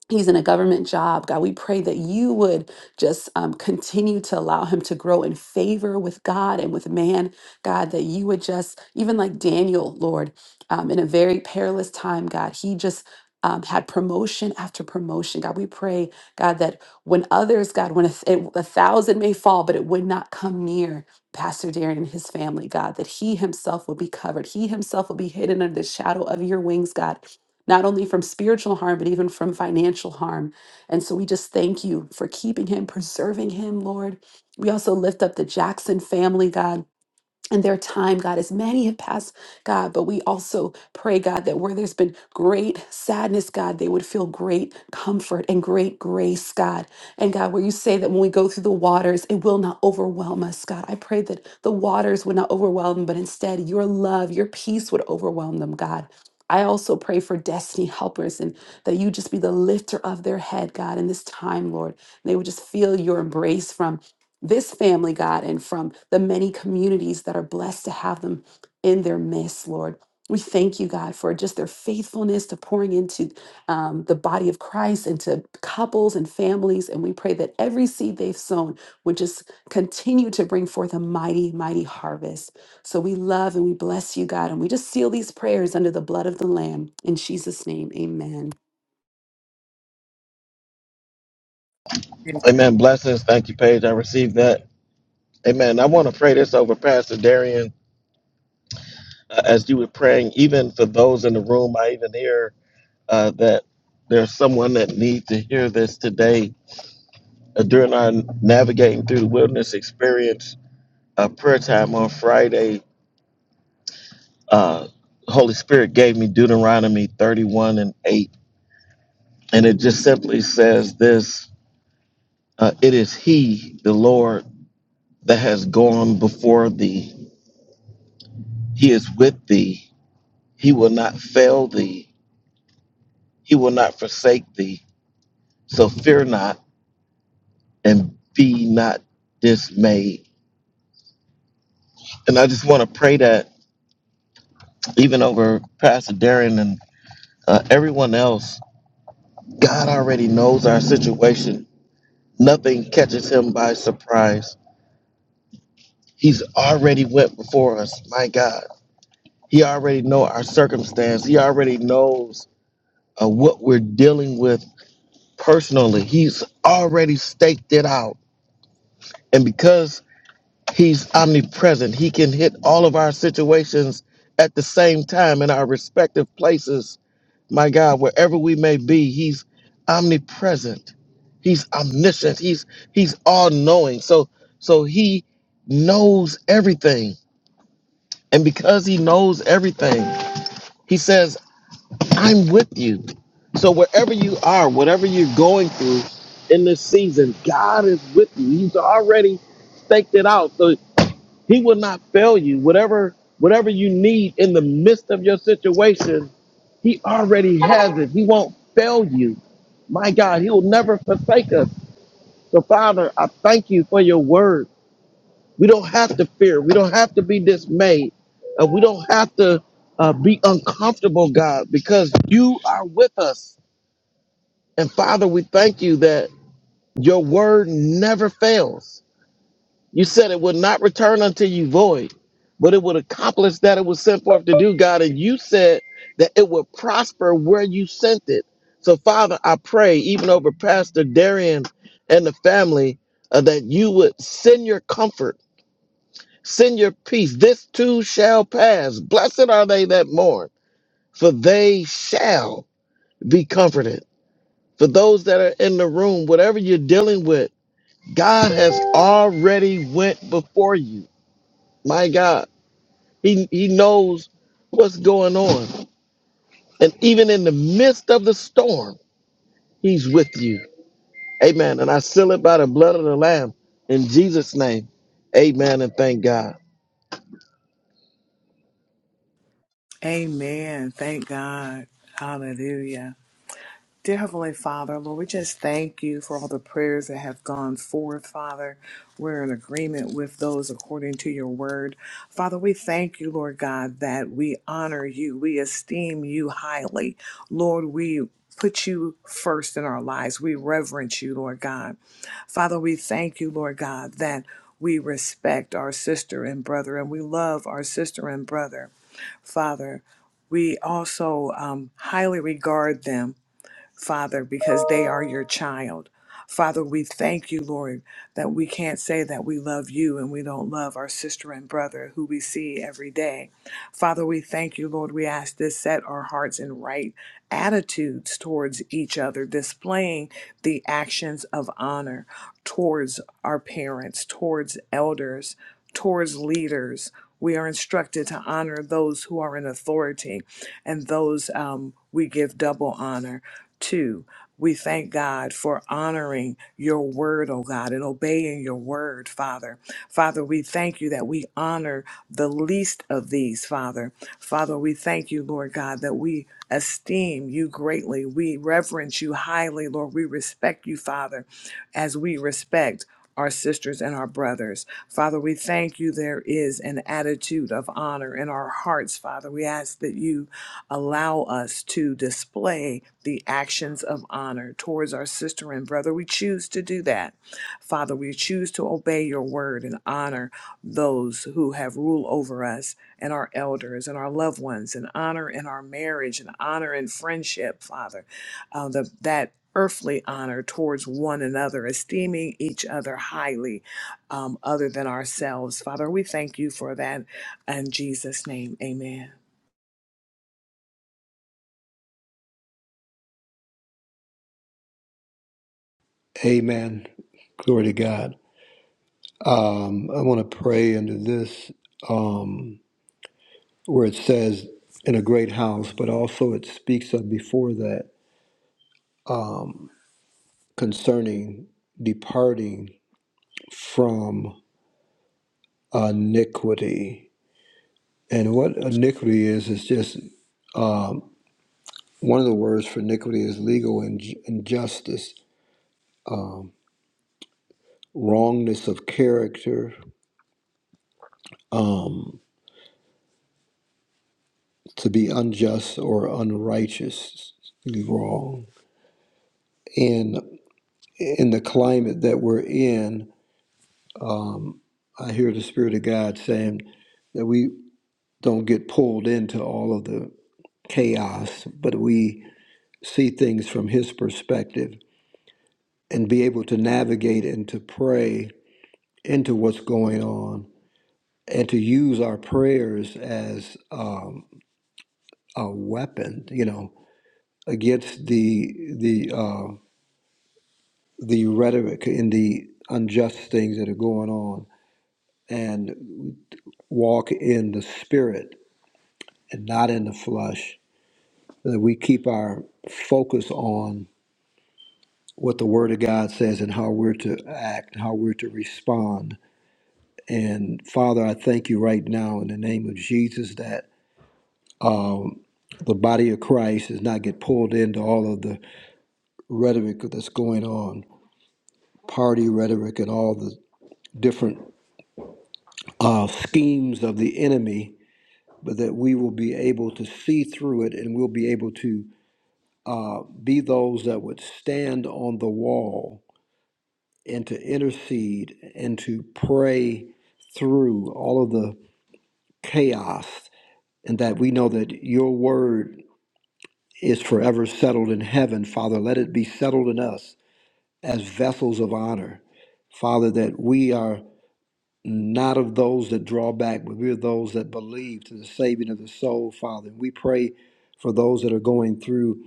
He's in a government job. God, we pray that you would just um, continue to allow him to grow in favor with God and with man. God, that you would just, even like Daniel, Lord, um, in a very perilous time, God, he just um, had promotion after promotion. God, we pray, God, that when others, God, when a, th- a thousand may fall, but it would not come near Pastor Darren and his family, God, that he himself would be covered. He himself would be hidden under the shadow of your wings, God not only from spiritual harm, but even from financial harm. And so we just thank you for keeping him, preserving him, Lord. We also lift up the Jackson family, God. In their time, God, as many have passed, God, but we also pray, God, that where there's been great sadness, God, they would feel great comfort and great grace, God. And God, where you say that when we go through the waters, it will not overwhelm us, God. I pray that the waters would not overwhelm them, but instead your love, your peace would overwhelm them, God. I also pray for destiny helpers and that you just be the lifter of their head, God, in this time, Lord. They would just feel your embrace from this family, God, and from the many communities that are blessed to have them in their midst, Lord. We thank you, God, for just their faithfulness to pouring into um, the body of Christ, into couples and families. And we pray that every seed they've sown would just continue to bring forth a mighty, mighty harvest. So we love and we bless you, God. And we just seal these prayers under the blood of the Lamb. In Jesus' name, amen.
Amen.
Amen. Blessings. Thank you, Paige. I received that. Amen. I want to pray this over Pastor Darian uh, as you were praying, even for those in the room. I even hear. uh, that there's someone that needs to hear this today uh, during our navigating through the wilderness experience uh, prayer time on Friday. Uh, Holy Spirit gave me Deuteronomy 31 and 8, and it just simply says this: uh, "It is He, the Lord, that has gone before thee. He is with thee. He will not fail thee. He will not forsake thee. So fear not, and be not dismayed." And I just want to pray that. even over Pastor Darren and uh, everyone else. God already knows our situation. Nothing catches him by surprise. He's already went before us. My God, he already know our circumstance. He already knows uh, what we're dealing with personally. He's already staked it out, and because he's omnipresent, he can hit all of our situations at the same time in our respective places My God, wherever we may be, He's omnipresent. He's omniscient. He's He's all knowing. So so He knows everything, and because He knows everything, He says, "I'm with you." So wherever you are, whatever you're going through in this season, God is with you. He's already staked it out, so He will not fail you. Whatever whatever you need in the midst of your situation, he already has it. He won't fail you. My God, He will never forsake us. So, Father, I thank you for your word. We don't have to fear. We don't have to be dismayed. Uh, we don't have to uh, be uncomfortable, God, because you are with us. And, Father, we thank you that your word never fails. You said it would not return unto you void, but it would accomplish that it was sent forth to do, God. And you said that it would prosper where you sent it. So, Father, I pray, even over Pastor Darian and the family, uh, that you would send your comfort, send your peace. This too shall pass. Blessed are they that mourn, for they shall be comforted. For those that are in the room, whatever you're dealing with, God has already went before you. My God. He he knows what's going on. And even in the midst of the storm, he's with you. Amen. And I seal it by the blood of the Lamb in Jesus' name. Amen. And thank God.
Amen. Thank God. Hallelujah. Dear Heavenly Father, Lord, we just thank you for all the prayers that have gone forth, Father. We're in agreement with those according to your word. Father, we thank you, Lord God, that we honor you, we esteem you highly. Lord, we put you first in our lives. We reverence you, Lord God. Father, we thank you, Lord God, that we respect our sister and brother and we love our sister and brother. Father, we also um, highly regard them Father, because they are your child. Father, we thank you, Lord, that we can't say that we love you and we don't love our sister and brother who we see every day. Father, we thank you, Lord. We ask this set our hearts in right attitudes towards each other, displaying the actions of honor towards our parents, towards elders, towards leaders. We are instructed to honor those who are in authority and those um, we give double honor. Two, we thank God for honoring your word, oh God, and obeying your word, Father. Father, we thank you that we honor the least of these, Father. Father, we thank you, Lord God, that we esteem you greatly. We reverence you highly, Lord. We respect you, Father, as we respect our sisters and our brothers. Father, we thank you there is an attitude of honor in our hearts, Father. We ask that you allow us to display the actions of honor towards our sister and brother. We choose to do that. Father, we choose to obey your word and honor those who have rule over us and our elders and our loved ones and honor in our marriage and honor in friendship, Father. Uh, the, that earthly honor towards one another, esteeming each other highly um, other than ourselves. Father, we thank you for that. In Jesus' name, amen.
Amen. Glory to God. Um, I want to pray into this. Um, where it says in a great house, but also it speaks of before that um, concerning departing from iniquity. And what iniquity is, is just um, one of the words for iniquity is legal inj- injustice, um, wrongness of character, um, to be unjust or unrighteous, to be wrong. And in the climate that we're in, um, I hear the Spirit of God saying that we don't get pulled into all of the chaos, but we see things from His perspective and be able to navigate and to pray into what's going on and to use our prayers as um, a weapon, you know, against the the uh, the rhetoric and the unjust things that are going on, and walk in the Spirit and not in the flesh that we keep our focus on what the Word of God says and how we're to act, how we're to respond. And Father, I thank you right now in the name of Jesus that the body of Christ does not get pulled into all of the rhetoric that's going on, party rhetoric, and all the different uh, schemes of the enemy, but that we will be able to see through it and we'll be able to be those that would stand on the wall and to intercede and to pray through all of the chaos, and that we know that your word is forever settled in heaven. Father, let it be settled in us as vessels of honor. Father, that we are not of those that draw back, but we are those that believe to the saving of the soul, Father. And we pray for those that are going through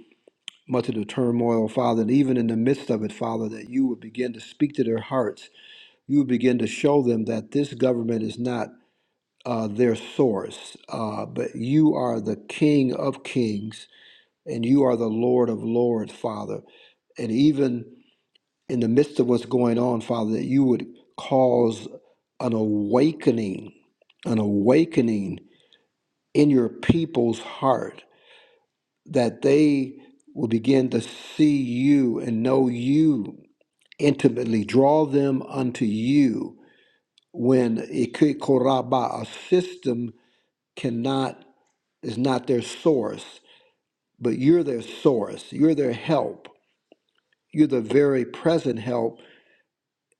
much of the turmoil, Father, and even in the midst of it, Father, that you would begin to speak to their hearts you begin to show them that this government is not uh, their source, uh, but you are the King of kings and you are the Lord of lords, Father. And even in the midst of what's going on, Father, that you would cause an awakening, an awakening in your people's heart, that they will begin to see you and know you intimately, draw them unto you when Ike Koraba, a system cannot is not their source, but you're their source, you're their help, you're the very present help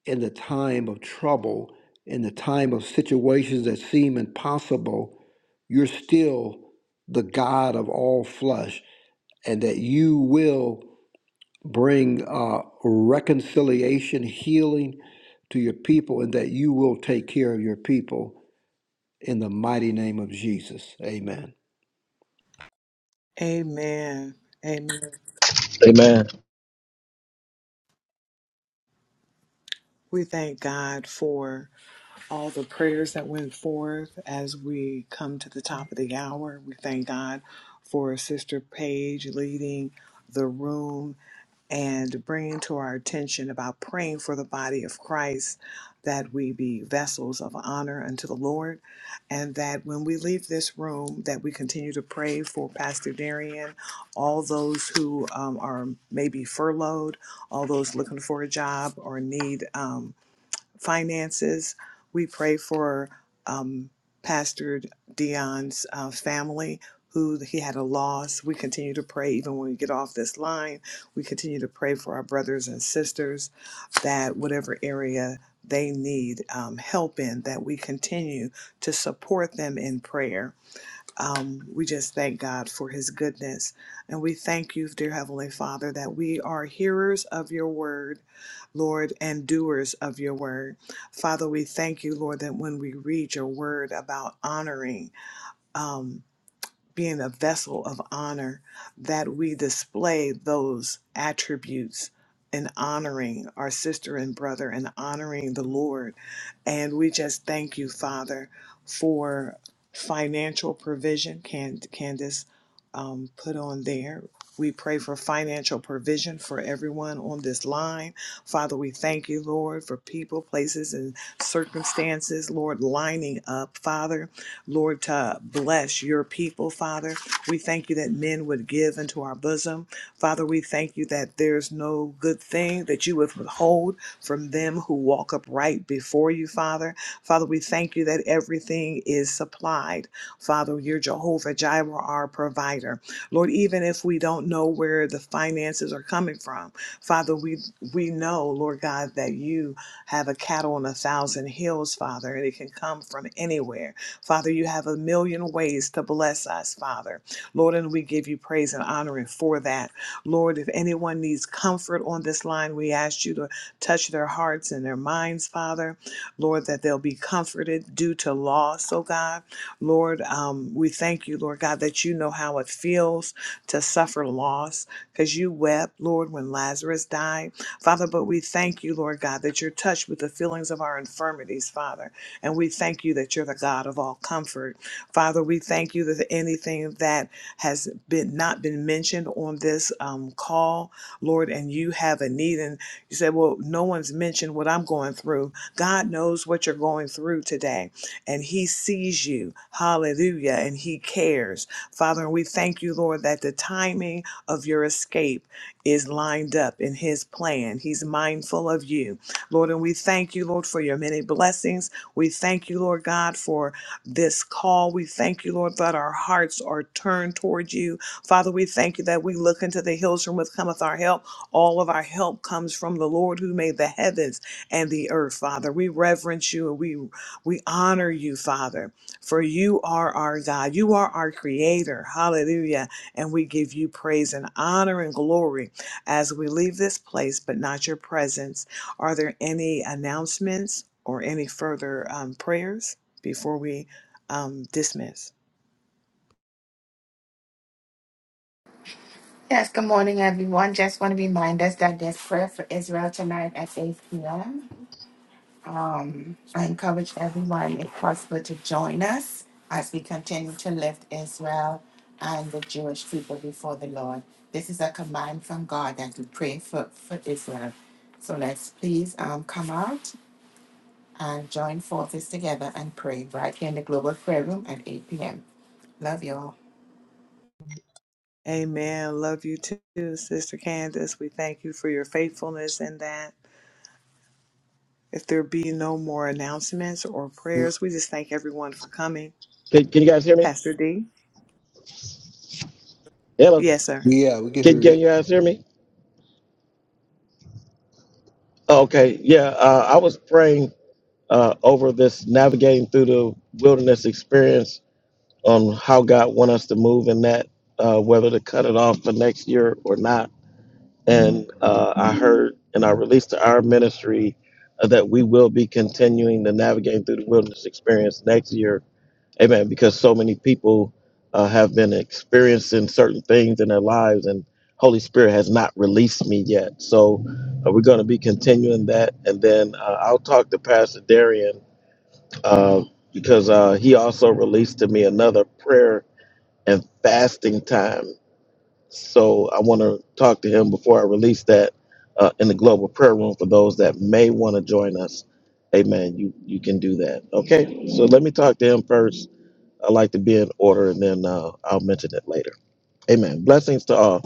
in the time of trouble, in the time of situations that seem impossible, you're still the God of all flesh, and that you will bring uh, reconciliation, healing to your people, and that you will take care of your people in the mighty name of Jesus. Amen.
Amen. Amen.
Amen.
We thank God for all the prayers that went forth as we come to the top of the hour. We thank God for Sister Paige leading the room. and bringing to our attention about praying for the body of Christ that we be vessels of honor unto the Lord and that when we leave this room that we continue to pray for Pastor Darian, all those who um, are maybe furloughed, all those looking for a job or need um, finances. We pray for um, Pastor Dion's uh, family, who he had a loss. We continue to pray, even when we get off this line, we continue to pray for our brothers and sisters that whatever area they need um, help in, that we continue to support them in prayer um, we just thank God for his goodness. And we thank you, dear Heavenly Father, that we are hearers of your word, Lord, and doers of your word. Father, we thank you, Lord, that when we read your word about honoring, um, being a vessel of honor, that we display those attributes in honoring our sister and brother and honoring the Lord. And we just thank you, Father, for financial provision. Can Candace um, put on there? We pray for financial provision for everyone on this line. Father, we thank you, Lord, for people, places, and circumstances, Lord, lining up, Father Lord, to bless your people, Father. We thank you that men would give into our bosom. Father, we thank you that there's no good thing that you would withhold from them who walk upright before you, Father. Father, we thank you that everything is supplied. Father, you're Jehovah Jireh, our provider. Lord, even if we don't know where the finances are coming from, Father, we we know, Lord God, that you have a cattle on a thousand hills, Father, and it can come from anywhere. Father, you have a million ways to bless us, Father. Lord, and we give you praise and honor and for that. Lord, if anyone needs comfort on this line, we ask you to touch their hearts and their minds, Father. Lord, that they'll be comforted due to loss, oh God. Lord, um, we thank you, Lord God, that you know how it feels to suffer loss because you wept, Lord, when Lazarus died. Father, but we thank you, Lord God, that you're touched with the feelings of our infirmities, Father. And we thank you that you're the God of all comfort. Father, we thank you that anything that has been not been mentioned on this um, call, Lord, and you have a need, and you said, Well, no one's mentioned what I'm going through. God knows what you're going through today, and He sees you. Hallelujah. And He cares. Father, and we thank you, Lord, that the timing of your escape is lined up in His plan. He's mindful of you, Lord, and we thank you, Lord, for your many blessings we thank you, Lord God, for this call. We thank you, Lord, that our hearts are turned toward you. Father, we thank you that we look into the hills from which cometh our help. All of our help comes from the Lord who made the heavens and the earth, Father. We reverence you and we we honor you, Father, for you are our God. You are our creator. Hallelujah. And we give you praise and honor and glory as we leave this place, but not your presence. Are there any announcements or any further um, prayers before we um, dismiss?
Yes, good morning, everyone. Just want to remind us that there's prayer for Israel tonight at 8 p.m. I encourage everyone, if possible, to join us as we continue to lift Israel and the Jewish people before the Lord. This is a command from God that we pray for, for Israel. So let's please um, come out and join forces together and pray right here in the Global Prayer Room at 8 p.m. Love you all.
Amen. Love you too, Sister Candace. We thank you for your faithfulness in that. If there be no more announcements or prayers, we just thank everyone for coming.
Can, can you guys hear me?
Pastor D?
Hello.
Yes, sir.
Yeah, we can
Can,
hear
can
you.
you guys hear me? Oh, Okay. Yeah. Uh, I was praying uh, over this navigating through the wilderness experience on how God want us to move in that, uh, whether to cut it off for next year or not and uh, I heard and I released to our ministry uh, that we will be continuing the navigating through the wilderness experience next year. Amen. Because so many people uh, have been experiencing certain things in their lives, and Holy Spirit has not released me yet. So uh, we're going to be continuing that, and then uh, I'll talk to Pastor Darian uh, because uh, he also released to me another prayer and fasting time. So I want to talk to him before I release that uh, in the global prayer room for those that may want to join us. Amen. You you can do that. Okay. So let me talk to him first. I like to be in order, and then uh, I'll mention it later. Amen. Blessings to all.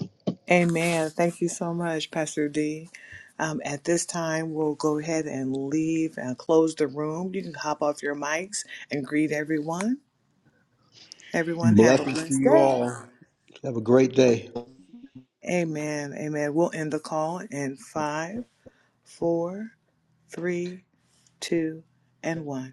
Amen. Thank you so much, Pastor D. Um, at this time, we'll go ahead and leave and close the room. You can hop off your mics and greet everyone. Everyone, have a
Blessings to
blessed
you
day.
all. Have a great day.
Amen. Amen. We'll end the call in five, four, three, two, and one.